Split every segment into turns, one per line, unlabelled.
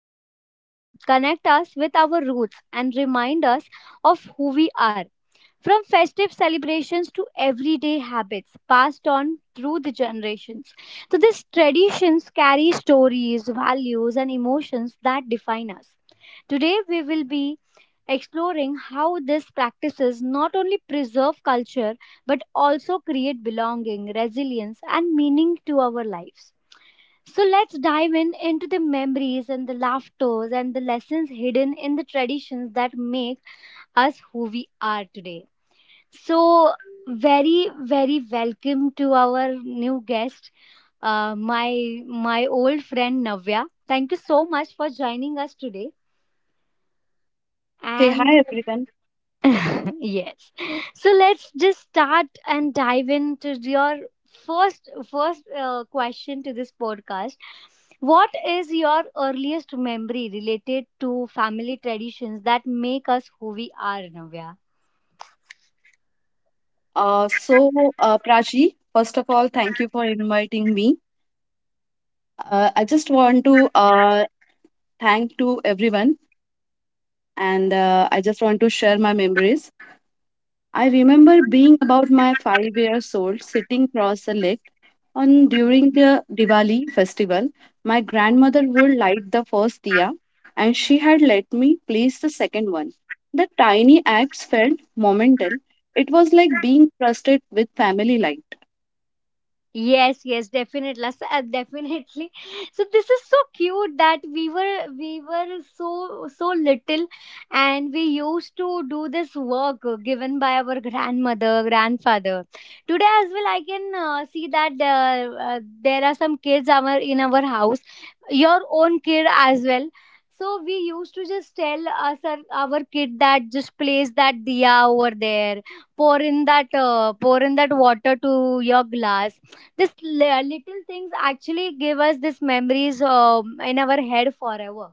our identity, connect us with our roots, and remind us of who we are. From festive celebrations to everyday habits passed on through the generations. So, these traditions carry stories, values, and emotions that define us. Today, we will be exploring how these practices not only preserve culture but also create belonging, resilience, and meaning to our lives. So, let's dive in into the memories and the laughters and the lessons hidden in the traditions that make us who we are today. So, very, very welcome to our new guest, my old friend Navya. Thank you so much for joining us today.
Hey,
And
hi everyone.
yes, so let's just start and dive into your first question to this podcast. What is your earliest memory related to family traditions that make us who we are, Navya?
Uh, so, Prachi, first of all, thank you for inviting me. I just want to thank to everyone, and I just want to share my memories. I remember being about my 5 years old, sitting cross the lake on during the Diwali festival. My grandmother would light the first diya, and she had let me place the second one. The tiny acts felt momental. It was like being trusted with family light.
Yes, yes, definitely. Definitely. So this is so cute that we were so so little, and we used to do this work given by our grandmother, grandfather. Today as well, I can see that there are some kids our in our house, your own kid as well. So we used to just tell us our kid that just place that diya over there, pour in that water to your glass. Little things actually give us these memories in our head forever.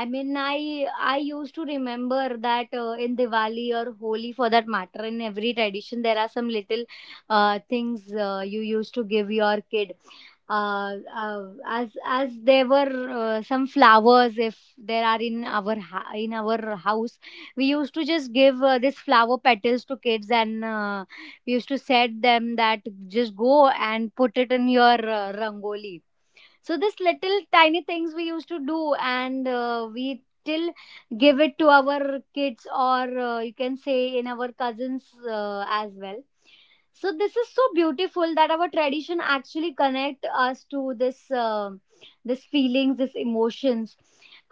I mean, I used to remember that in Diwali or Holi, for that matter, in every tradition, there are some little things you used to give your kid. As there were some flowers, if there are in our in our house, we used to just give this flower petals to kids, and we used to said them that just go and put it in your rangoli. So this little tiny things we used to do, and we still give it to our kids, or you can say in our cousins as well. So this is so beautiful that our tradition actually connect us to this feelings, this emotions.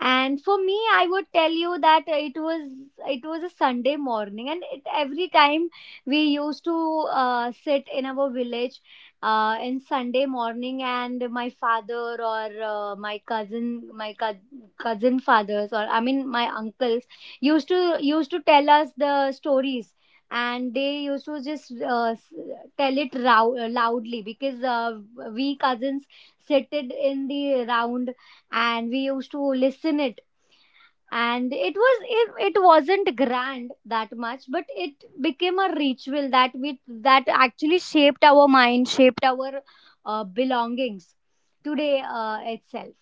And for me, I would tell you that it was a Sunday morning, and every time we used to sit in our village in Sunday morning, and my father or my cousin, my cou- cousin fathers, or I mean my uncles used to tell us the stories, and they used to just tell it loudly because we cousins sit it in the round, and we used to listen it. And it wasn't grand that much, but it became a ritual that we that actually shaped our mind, shaped our belongings today itself.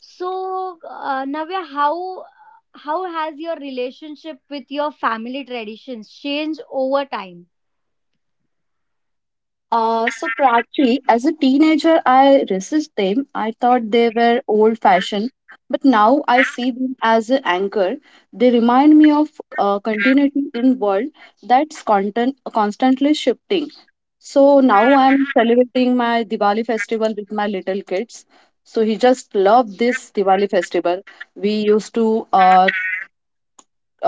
So Navya, how has your relationship with your family traditions changed over time?
So practically, as a teenager, I resist them. I thought they were old-fashioned, but now I see them as an anchor. They remind me of continuity in world that's content constantly shifting. So now I am celebrating my Diwali festival with my little kids. So he just loved this Diwali festival. We used to uh,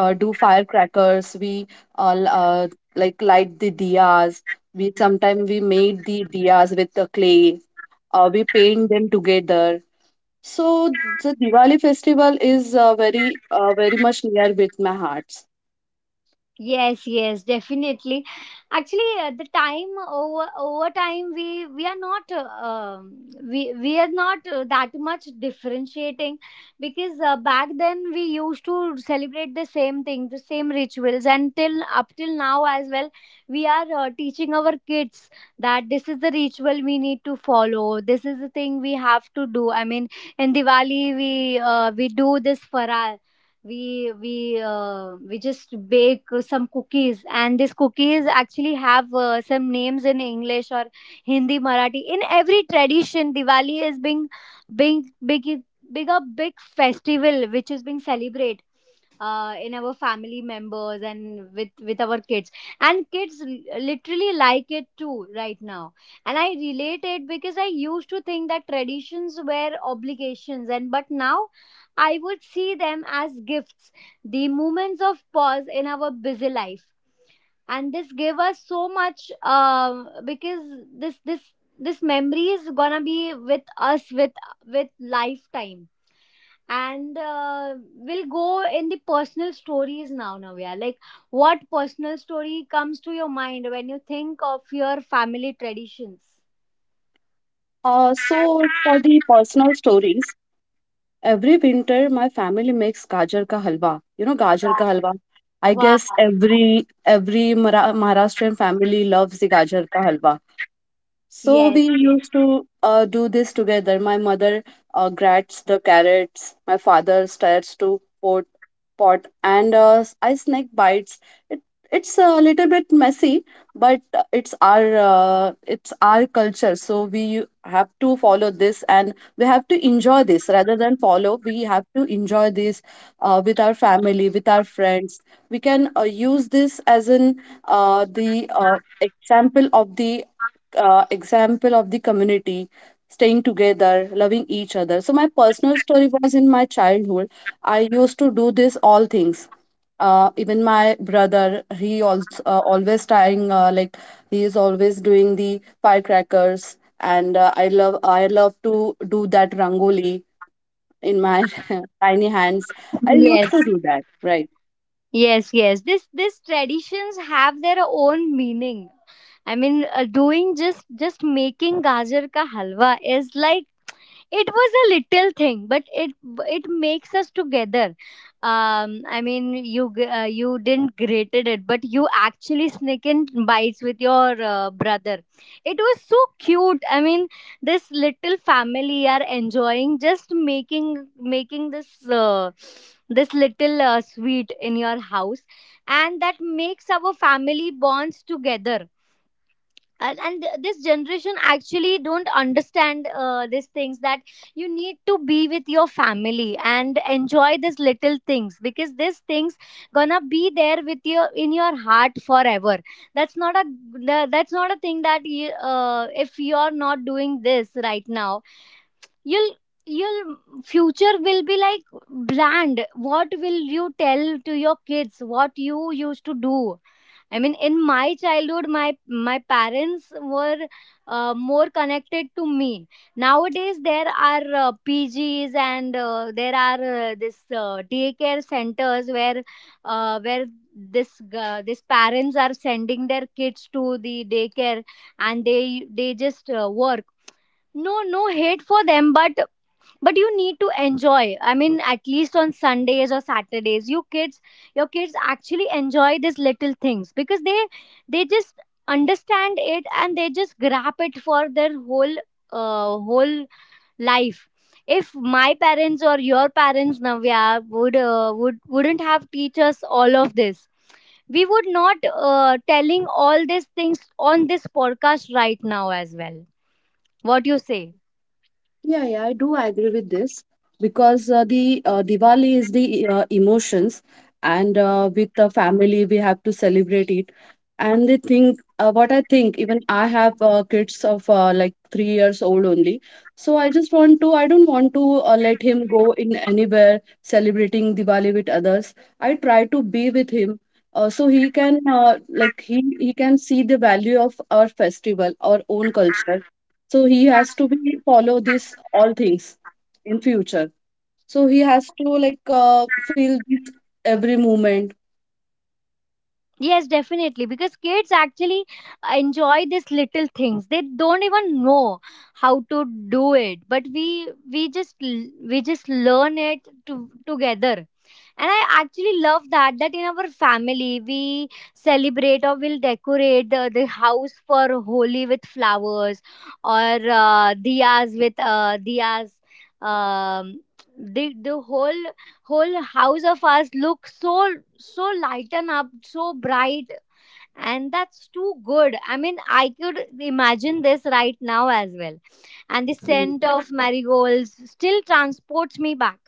uh, do firecrackers, we all like light the diyas, we sometimes we made the diyas with the clay, we paint them together. So the diwali festival is very very much near with my heart.
Yes, yes, definitely. Actually, the time over over time, we are not we we are not that much differentiating, because back then we used to celebrate the same thing, the same rituals, and till up till now as well, we are teaching our kids that this is the ritual we need to follow. This is the thing we have to do. I mean, in Diwali, we do this farar. We just bake some cookies, and these cookies actually have some names in English or Hindi, Marathi. In every tradition, Diwali is being big big a big festival which is being celebrated in our family members and with our kids, and kids literally like it too right now. And I relate it, because I used to think that traditions were obligations and but now I would see them as gifts, the moments of pause in our busy life, and this gave us so much, um, because this this this memory is gonna be with us with lifetime. And we'll go in the personal stories now, Navya. Like, what personal story comes to your mind when you think of your family traditions?
So for the personal stories, every winter my family makes gajar ka halwa. You know gajar ka halwa, I
Wow.
guess every Maharashtrian family loves the gajar ka halwa. So
Yes,
we used to do this together. My mother grats the carrots. My father stirs to pot, and I snack bites. It, it's a little bit messy, but it's our culture. So we have to follow this, and we have to enjoy this rather than follow. We have to enjoy this with our family, with our friends. We can use this as an the example of the example of the community staying together, loving each other. So my personal story was in my childhood. I used to do this all things. Even my brother, he also always trying, like he is always doing the firecrackers, and I love I love to do that rangoli in my tiny hands. I used
yes.
to do that, right?
Yes, yes. This traditions have their own meaning. I mean, doing just making gajar ka halwa is like, it was a little thing, but it makes us together. Um, I mean you didn't grated it, but you actually sneak in bites with your brother. It was so cute. I mean, this little family are enjoying just making this this little sweet in your house, and that makes our family bonds together. And this generation actually don't understand these things, that you need to be with your family and enjoy these little things, because these things gonna be there with you in your heart forever. That's not a that's not a thing that if you're not doing this right now, you'll your future will be like bland. What will you tell to your kids, what you used to do? I mean, in my childhood, my parents were more connected to me. Nowadays there are PGs, and there are this daycare centers where uh, where this this parents are sending their kids to the daycare, and they just work. No, no hate for them, but you need to enjoy. I mean, at least on Sundays or Saturdays, your kids actually enjoy these little things, because they just understand it, and they just grab it for their whole whole life. If my parents or your parents, Navya, would wouldn't have teach us all of this, we would not telling all these things on this podcast right now as well. What do you say?
Yeah, yeah, I do agree with this because the Diwali is the emotions, and with the family we have to celebrate it. And they think what I think. Even I have kids of like 3 years old only, so I just want to. I don't want to let him go in anywhere celebrating Diwali with others. I try to be with him. So he can like he can see the value of our festival, our own culture. So he has to be follow this all things in future. So he has to like feel this every moment.
Yes, definitely. Because kids actually enjoy these little things. They don't even know how to do it, but we just learn it to, together. And I actually love that in our family, we celebrate or will decorate the house for Holi with flowers, or diyas. Um, the whole whole house of us look so so lighten up, so bright. And that's too good. I mean, I could imagine this right now as well. And the scent
Mm,
of marigolds still transports me back.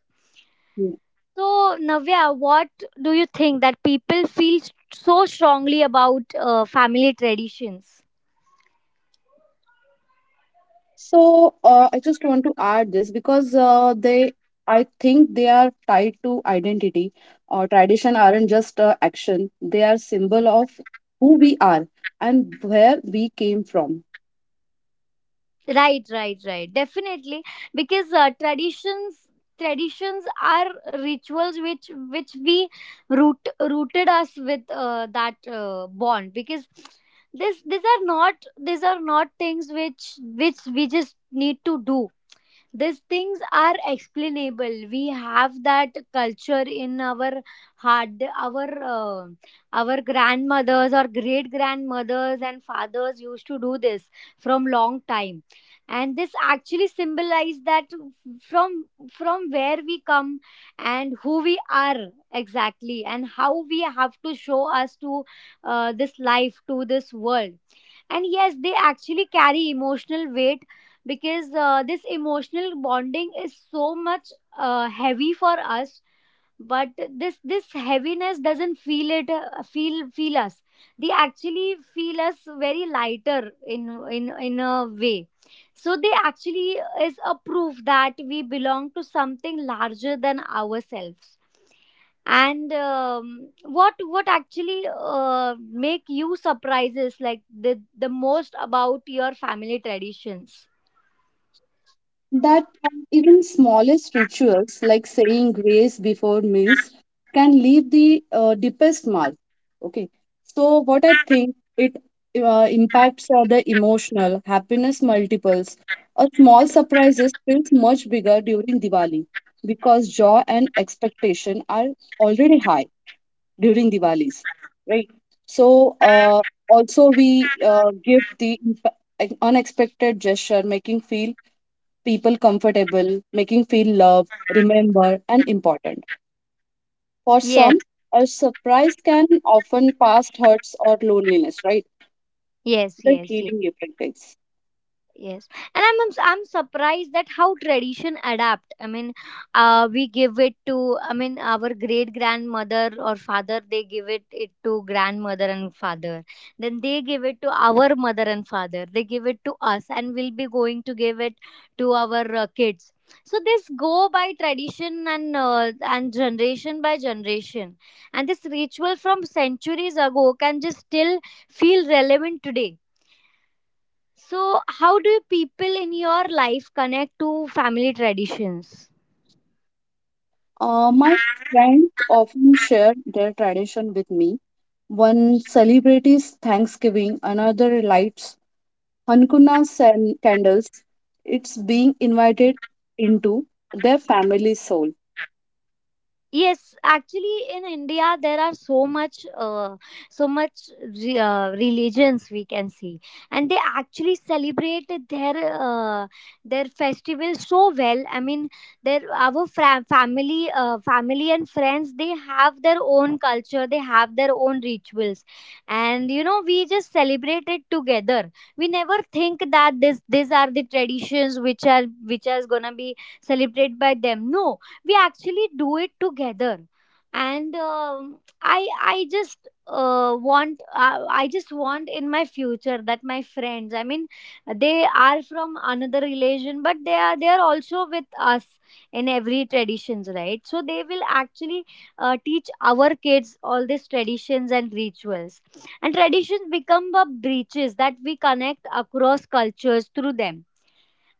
mm.
So, Navya, what do you think that people feel so strongly about family traditions?
So I just want to add this because they I think they are tied to identity, or tradition aren't just action. They are symbol of who we are and where we came from.
Right, right, right. Definitely, because traditions are rituals which we rooted us with that bond, because this these are not, these are not things which we just need to do. These things are explainable. We have that culture in our heart. Our our grandmothers or great grandmothers and fathers used to do this from long time, and this actually symbolize that from from where we come, and who we are exactly, and how we have to show us to this life, to this world. And yes, they actually carry emotional weight, because this emotional bonding is so much heavy for us. But this heaviness doesn't feel it, feel us. They actually feel us very lighter in a way. So they actually is a proof that we belong to something larger than ourselves. And what actually uh, make you surprises, like, the most about your family traditions?
That even smallest rituals like saying grace before meals can leave the deepest mark. Okay, so what I think, it impacts are the emotional happiness multiples. A small surprises feels much bigger during diwali because joy and expectation are already high during diwalis, right? So also we give the unexpected gesture, making feel people comfortable, making feel loved, remembered, and important. For
Yes,
some, a surprise can often past hurts or loneliness, right?
yes,
The
yes, yes,
healing effect takes.
yes. And I'm surprised that how tradition adapt. I mean, we give it to, I mean, our great grandmother or father. They give it to grandmother and father. Then they give it to our mother and father. They give it to us, and we'll be going to give it to our kids. So this go by tradition, and generation by generation, and this ritual from centuries ago can just still feel relevant today. So, how do people in your life connect to family traditions?
My friends often share their tradition with me. One celebrates Thanksgiving, another lights Hanukkah and candles. It's being invited into their family soul.
Yes, actually, in India there are so much, so much religions we can see, and they actually celebrate their festival so well. I mean, family, family and friends, they have their own culture, they have their own rituals, and you know, we just celebrate it together. We never think that this these are the traditions which are, which are gonna be celebrated by them. No, we actually do it together and I I just want I just want in my future that my friends, they are from another religion but they are also with us in every traditions, right? So they will actually teach our kids all these traditions and rituals, and traditions become the breaches that we connect across cultures through them.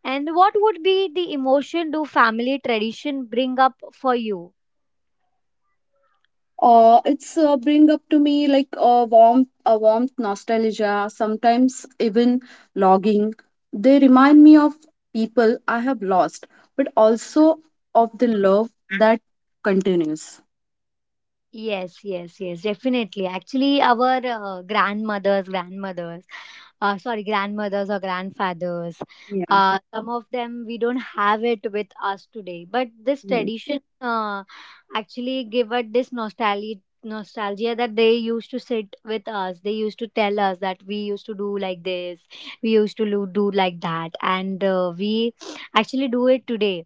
And what would be the emotion do family tradition bring up for you?
It's bring up to me like a warmth, a warmth nostalgia, sometimes even logging. They remind me of people I have lost, but also of the love that continues.
Yes, yes, yes, definitely. Actually, our grandmothers, sorry, grandmothers or grandfathers,
Yeah,
some of them we don't have it with us today. But this
right.
tradition actually give us this nostalgia, that they used to sit with us. They used to tell us that we used to do like this, we used to lo- do like that, and we actually do it today.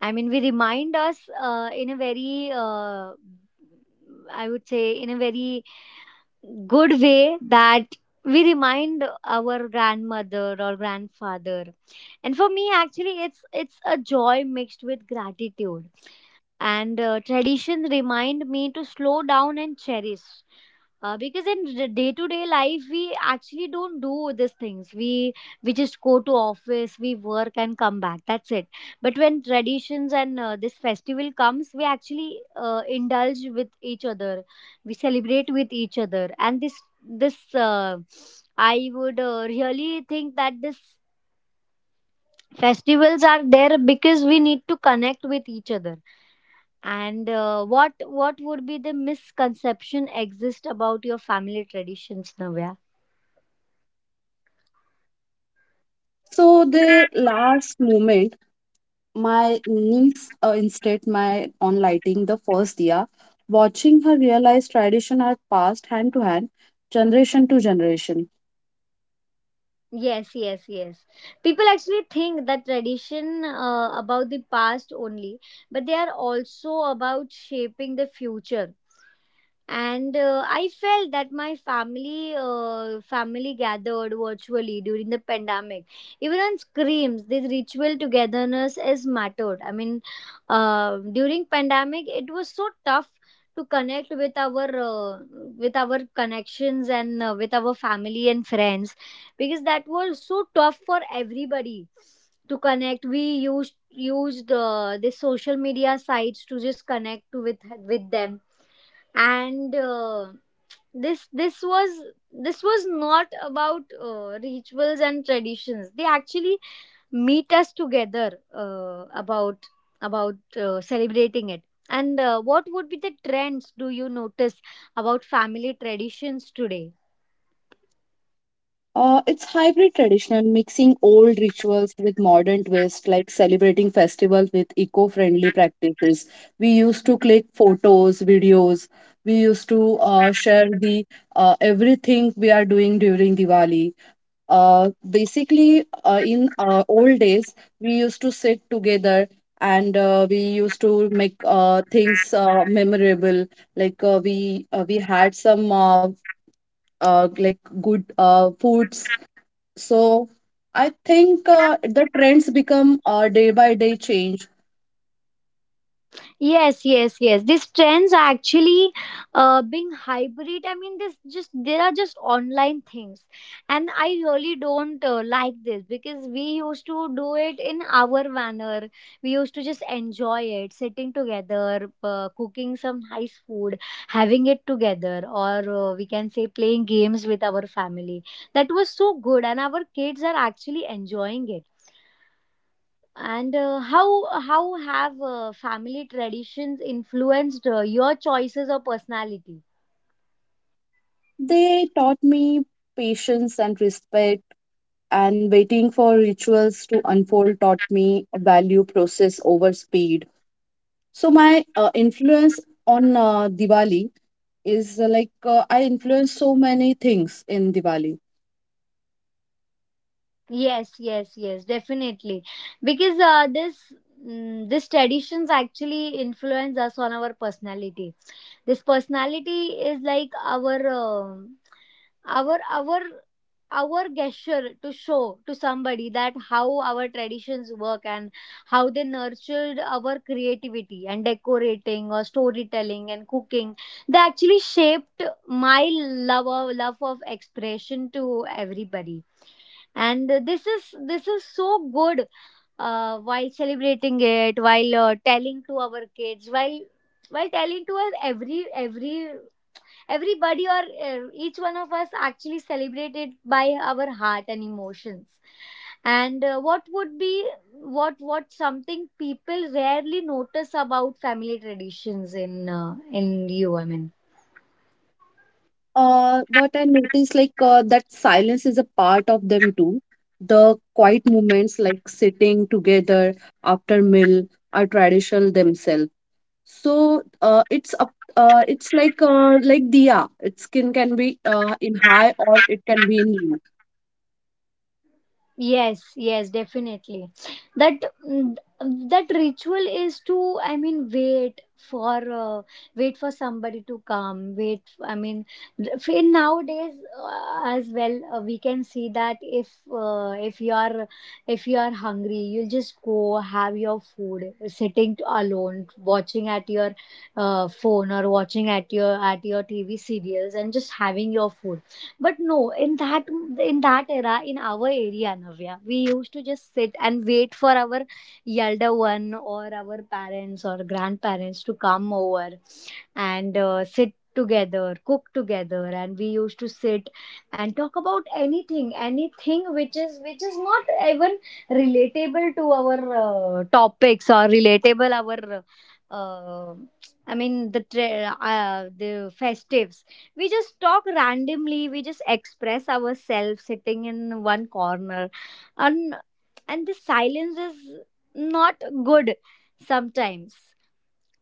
I mean, we remind us in a very, I would say, in a very good way that we remind our grandmother or grandfather. And for me actually it's a joy mixed with gratitude, and traditions remind me to slow down and cherish, because in day to day life we actually don't do these things. We just go to office, we work and come back, that's it. But when traditions and this festival comes, we actually indulge with each other, we celebrate with each other. And this this uh, i would uh, really think that this festivals are there because we need to connect with each other. And what would be the misconception exist about your family traditions, Navya?
So the last moment, my niece instead my on lighting the first year, watching her realize tradition are passed hand to hand, generation to generation.
Yes, yes, yes. People actually think that tradition about the past only, but they are also about shaping the future. And I felt that my family gathered virtually during the pandemic. Even on screams, this ritual togetherness is mattered. I mean, during pandemic it was so tough to connect with our connections, and with our family and friends, because that was so tough for everybody to connect. We used the social media sites to just connect with them. And this this was this was not about rituals and traditions. They actually meet us together about celebrating it. And what would be the trends do you notice about family traditions today?
It's hybrid traditional, mixing old rituals with modern twist, like celebrating festivals with eco-friendly practices. We used to click photos, videos. We used to share the everything we are doing during Diwali. Uh, Basically, in old days, we used to sit together and we used to make things memorable. Like we had some like good foods. So I think the trends become day by day change.
Yes, yes, yes. These trends are actually being hybrid. I mean, this just there are just online things, and I really don't like this, because we used to do it in our manner. We used to just enjoy it, sitting together, cooking some nice food, having it together, or we can say playing games with our family. That was so good, and our kids are actually enjoying it. And how have family traditions influenced your choices or personality?
They taught me patience and respect, and waiting for rituals to unfold taught me value process over speed. So my influence on Diwali is like I influence so many things in Diwali.
Yes, yes, yes, definitely. Because this traditions actually influence us on our personality. This personality is like our our our gesture to show to somebody that how our traditions work, and how they nurtured our creativity and decorating or storytelling and cooking. They actually shaped my love of expression to everybody, and this is so good while celebrating it, while telling to our kids, while telling to us. Everybody or each one of us actually celebrate it by our heart and emotions. And what would be what something people rarely notice about family traditions in you?
What I notice, like that silence is a part of them too. The quiet moments, like sitting together after meal, are traditional themselves. So uh, it's up, it's like like diya. Its skin can be in high or it can be in low.
Yes, yes, definitely. that mm, that ritual is to, I mean, wait for wait for somebody to come. Wait, I mean, in nowadays as well, we can see that if you are, if you are hungry, you'll just go have your food sitting alone, watching at your phone or watching at your TV serials and just having your food. But no, in that in that era, in our area, Navya, we used to just sit and wait for our elder one or our parents or grandparents to come over and sit together, cook together, and we used to sit and talk about anything, anything which is not even relatable to our topics, or relatable our uh, I mean the tra- the festives. We just talk randomly, we just express ourselves sitting in one corner. And the silence is not good sometimes,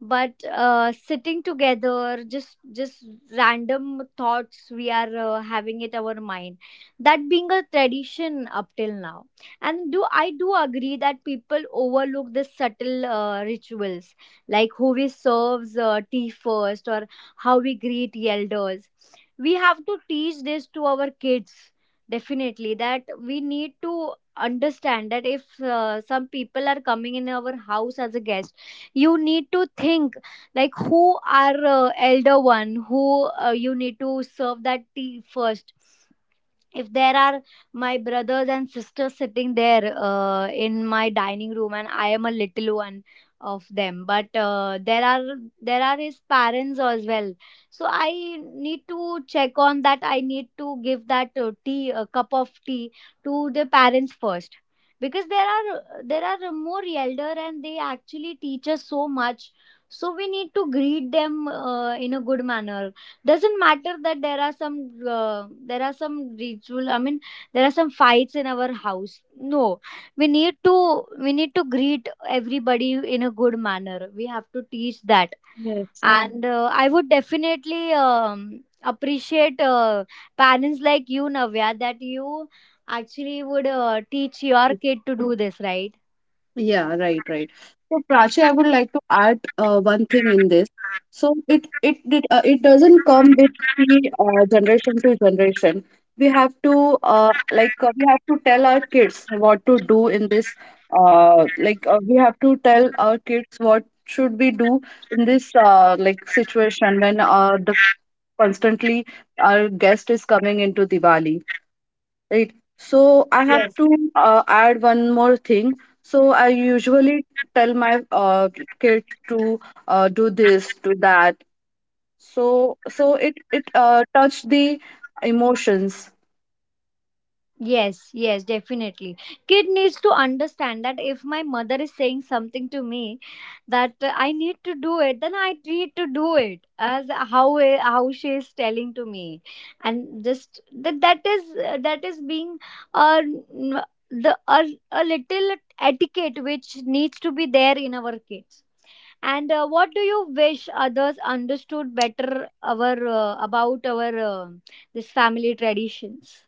but sitting together, just random thoughts we are having it our mind, that being a tradition up till now. And do I do agree that people overlook the subtle rituals like who we serves tea first, or how we greet elders. We have to teach this to our kids, definitely, that we need to understand that if some people are coming in our house as a guest, you need to think like who are elder one, who you need to serve that tea first. If there are my brothers and sisters sitting there in my dining room, and I am a little one of them, but there are his parents as well, so I need to check on that. I need to give that tea a cup of tea to the parents first, because there are more elder and they actually teach us so much. So we need to greet them in a good manner. Doesn't matter that there are some ritual, I mean, there are some fights in our house. No, we need to we need to greet everybody in a good manner. We have to teach that. Yeah.
Yes.
And I would definitely appreciate parents like you, Navya, that you actually would teach your kid to do this, right?
Yeah, right, right. So Prachi, I would like to add one thing in this. So it doesn't come with the generation to generation. We have to we have to tell our kids what to do in this. We have to tell our kids what should we do in this like situation when the constantly our guest is coming into Diwali. Right. So I have to add one more thing. So I usually tell my kid to do this, do that. So so it touched the emotions.
Yes, yes, definitely. Kid needs to understand that if my mother is saying something to me that I need to do it, then I need to do it as how she is telling to me. And just that is being uh, n- the a, a little etiquette which needs to be there in our kids. And what do you wish others understood better our about our this family traditions?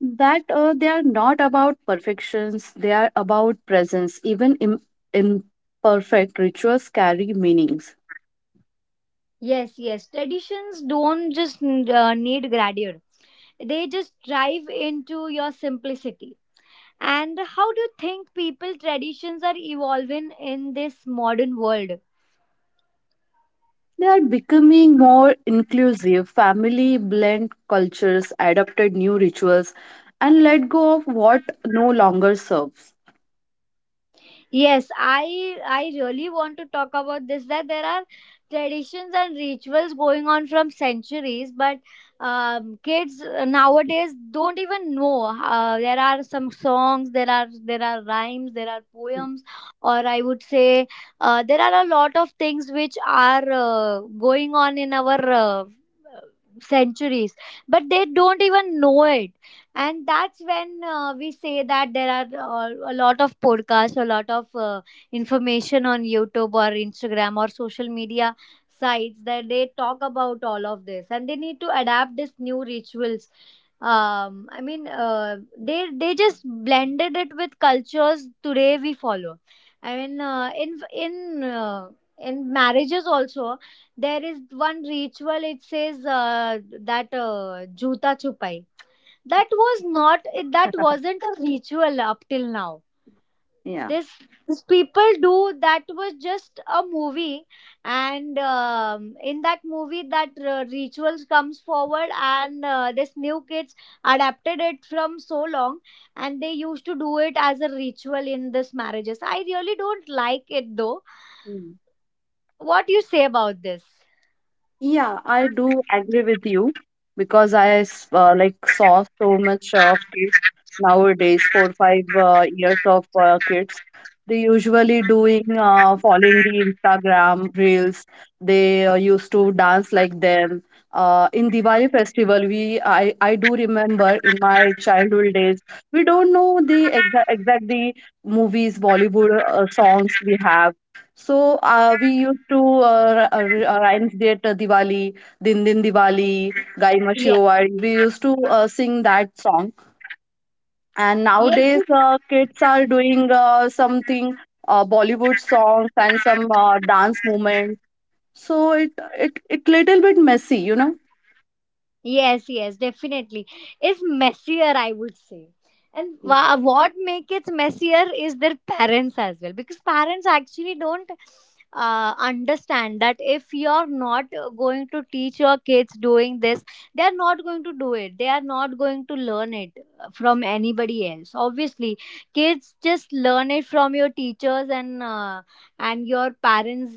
That they are not about perfections, they are about presence. Even imperfect rituals carry meanings.
Yes, yes. Traditions don't just need grandeur. They just drive into your simplicity. And how do you think people traditions are evolving in this modern world?
They are becoming more inclusive, family blend cultures, adopted new rituals and let go of what no longer serves.
Yes, I really want to talk about this, that there are traditions and rituals going on from centuries, but kids nowadays don't even know. There are some songs, there are rhymes, there are
Hm.
poems, or I would say there are a lot of things which are going on in our centuries, but they don't even know it. And that's when we say that there are a lot of podcasts, a lot of information on YouTube or Instagram or social media sites, that they talk about all of this, and they need to adapt these new rituals. I mean, they just blended it with cultures today we follow. I mean, in uh, in marriages also, there is one ritual, it says that juta chupai. That was not, that wasn't a ritual up till now.
Yeah.
this, this people do, that was just a movie. And in that movie that rituals comes forward, and this new kids adapted it from so long, and they used to do it as a ritual in this marriages. I really don't like it though.
Mhm.
What do you say about this?
Yeah, I do agree with you because like saw so much of kids nowadays, 4 5 years of kids. They usually doing following the Instagram reels. They used to dance like them. In Diwali festival, we I do remember in my childhood days. We don't know the exact exact the movies, Bollywood songs we have. So we used to rhymes that Diwali, Din Din Diwali, Gai
yeah
Mashiwari. We used to sing that song. And
yes
nowadays, kids are doing something Bollywood songs and some dance movement. So it little bit messy, you know.
Yes, yes, definitely. It's messier, I would say. And what make it messier is their parents as well, because parents actually don't understand that if you're not going to teach your kids doing this, they are not going to do it. They are not going to learn it from anybody else. Obviously, kids just learn it from your teachers and your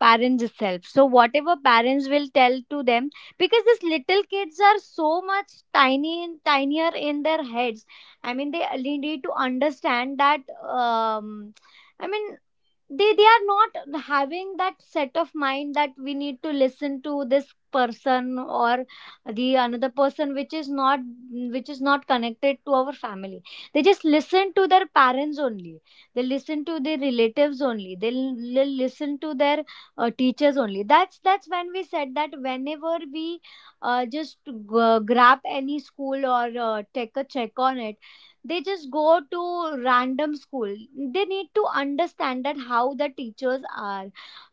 parents itself. So whatever parents will tell to them, because these little kids are so much tiny and tinier in their heads, they really need to understand that um, i mean they are not having that set of mind that we need to listen to this person or the another person which is not connected to our family. They just listen to their parents only, they listen to their relatives only, they listen to their teachers only. That's when we said that whenever we uh, just g- grab any school or take a check on it, they just go to random school. They need to understand that how the teachers are,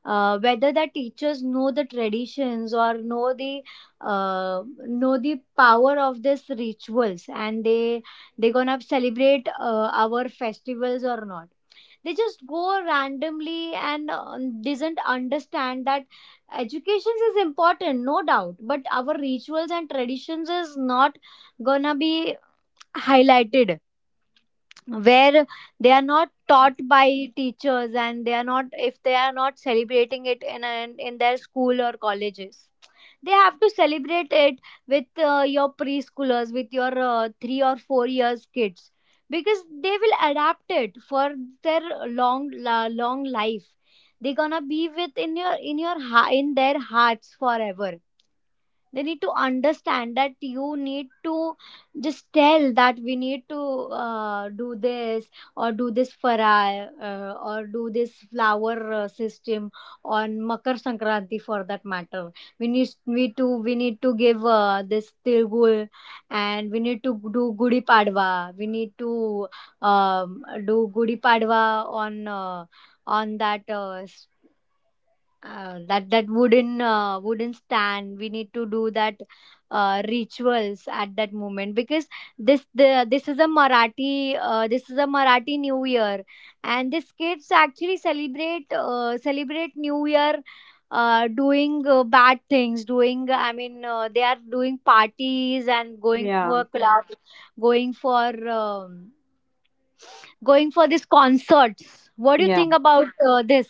whether the teachers know the traditions or know the power of this rituals, and they gonna celebrate our festivals or not. They just go randomly and doesn't understand that education is important, no doubt, but our rituals and traditions is not gonna be highlighted where they are not taught by teachers, and they are not celebrating it in an in their school or colleges. They have to celebrate it with your preschoolers, with your 3 or 4 years kids, because they will adapt it for their long life. They're gonna be with in their hearts forever. They need to understand that you need to just tell that we need to do this or do this farai or do this flower system on makar sankranti, for that matter. We need to give this tilgul, and we need to do gudi padwa. We need to um, do gudi padwa on that that wooden wooden stand. We need to do that rituals at that moment, because this is a marathi new year. And these kids actually celebrate celebrate new year doing bad things, doing, they are doing parties and going
Yeah,
for clubs, going for um, going for these concerts. What do you
yeah.
think about this?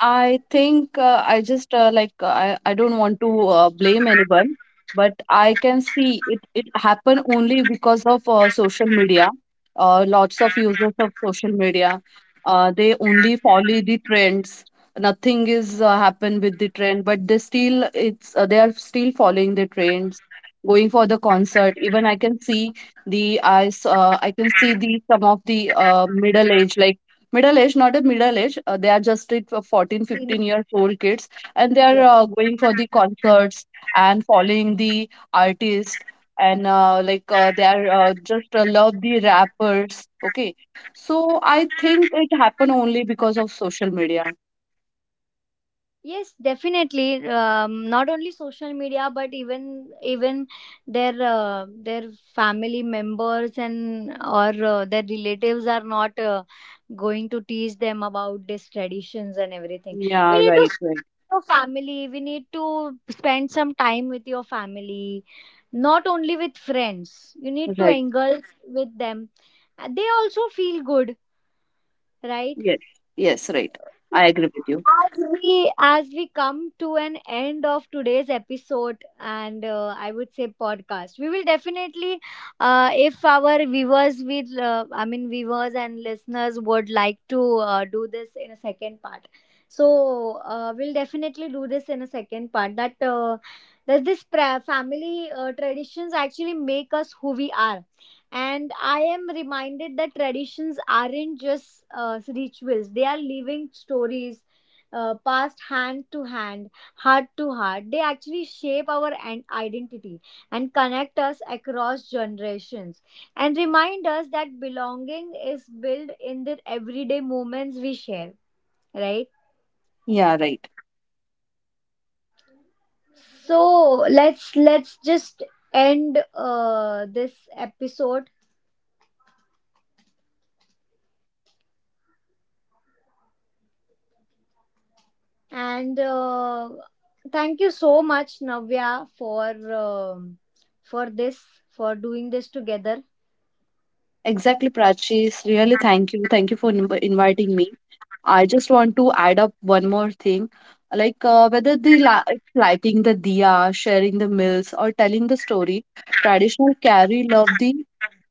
I think I just like I don't want to blame anyone, but I can see it happened only because of social media. Lots of users of social media, they only follow the trends. Nothing is happen with the trend, but they still it's they are still following the trends, going for the concert. Even I can see I can see the some of the middle age, like middle age, not a middle age, they are just it for 14 15 year old kids, and they are going for the concerts and following the artist, and they are just love the rappers. Okay, so I think it happened only because of social media.
Yes, definitely. Not only social media, but even their family members and or their relatives are not going to teach them about these traditions and everything. We
Yeah,
need to
right,
see
right,
your family. We need to spend some time with your family, not only with friends. You need to
right.
engage with them. They also feel good, right?
Yes, yes, right, I agree with you.
As we come to an end of today's episode, and I would say podcast, we will definitely if our viewers will viewers and listeners would like to do this in a second part, so we'll definitely do this in a second part, that family traditions actually make us who we are. And I am reminded that traditions aren't just rituals, they are living stories passed hand to hand, heart to heart. They actually shape our identity and connect us across generations, and remind us that belonging is built in the everyday moments we share, right?
Yeah, right.
So let's just end this episode and thank you so much Navya for this, for doing this together.
Exactly, Prachi, really thank you, thank you for inviting me. I just want to add up one more thing, like whether the lighting the diya, sharing the meals, or telling the story, traditional carry love the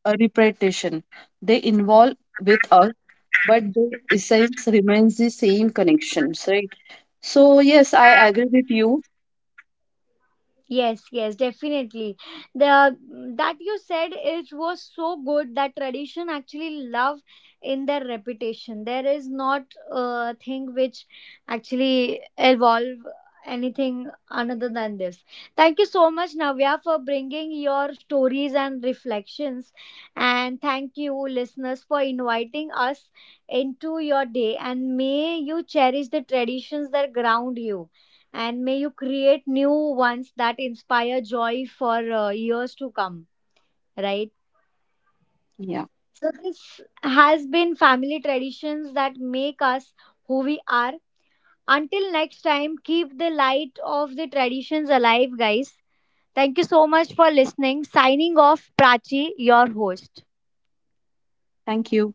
repetition. They involve with us, but the essence remains the same connections, right? So yes, I agree with you.
Yes, yes, definitely. The that you said, it was so good, that tradition actually love in their reputation. There is not a thing which actually evolve anything another than this. Thank you so much, Navya, for bringing your stories and reflections, and thank you, listeners, for inviting us into your day. And may you cherish the traditions that ground you, and may you create new ones that inspire joy for years to come, right?
Yeah,
So this has been family traditions that make us who we are. Until next time, keep the light of the traditions alive, guys. Thank you so much for listening. Signing off, Prachi, your host.
thank you.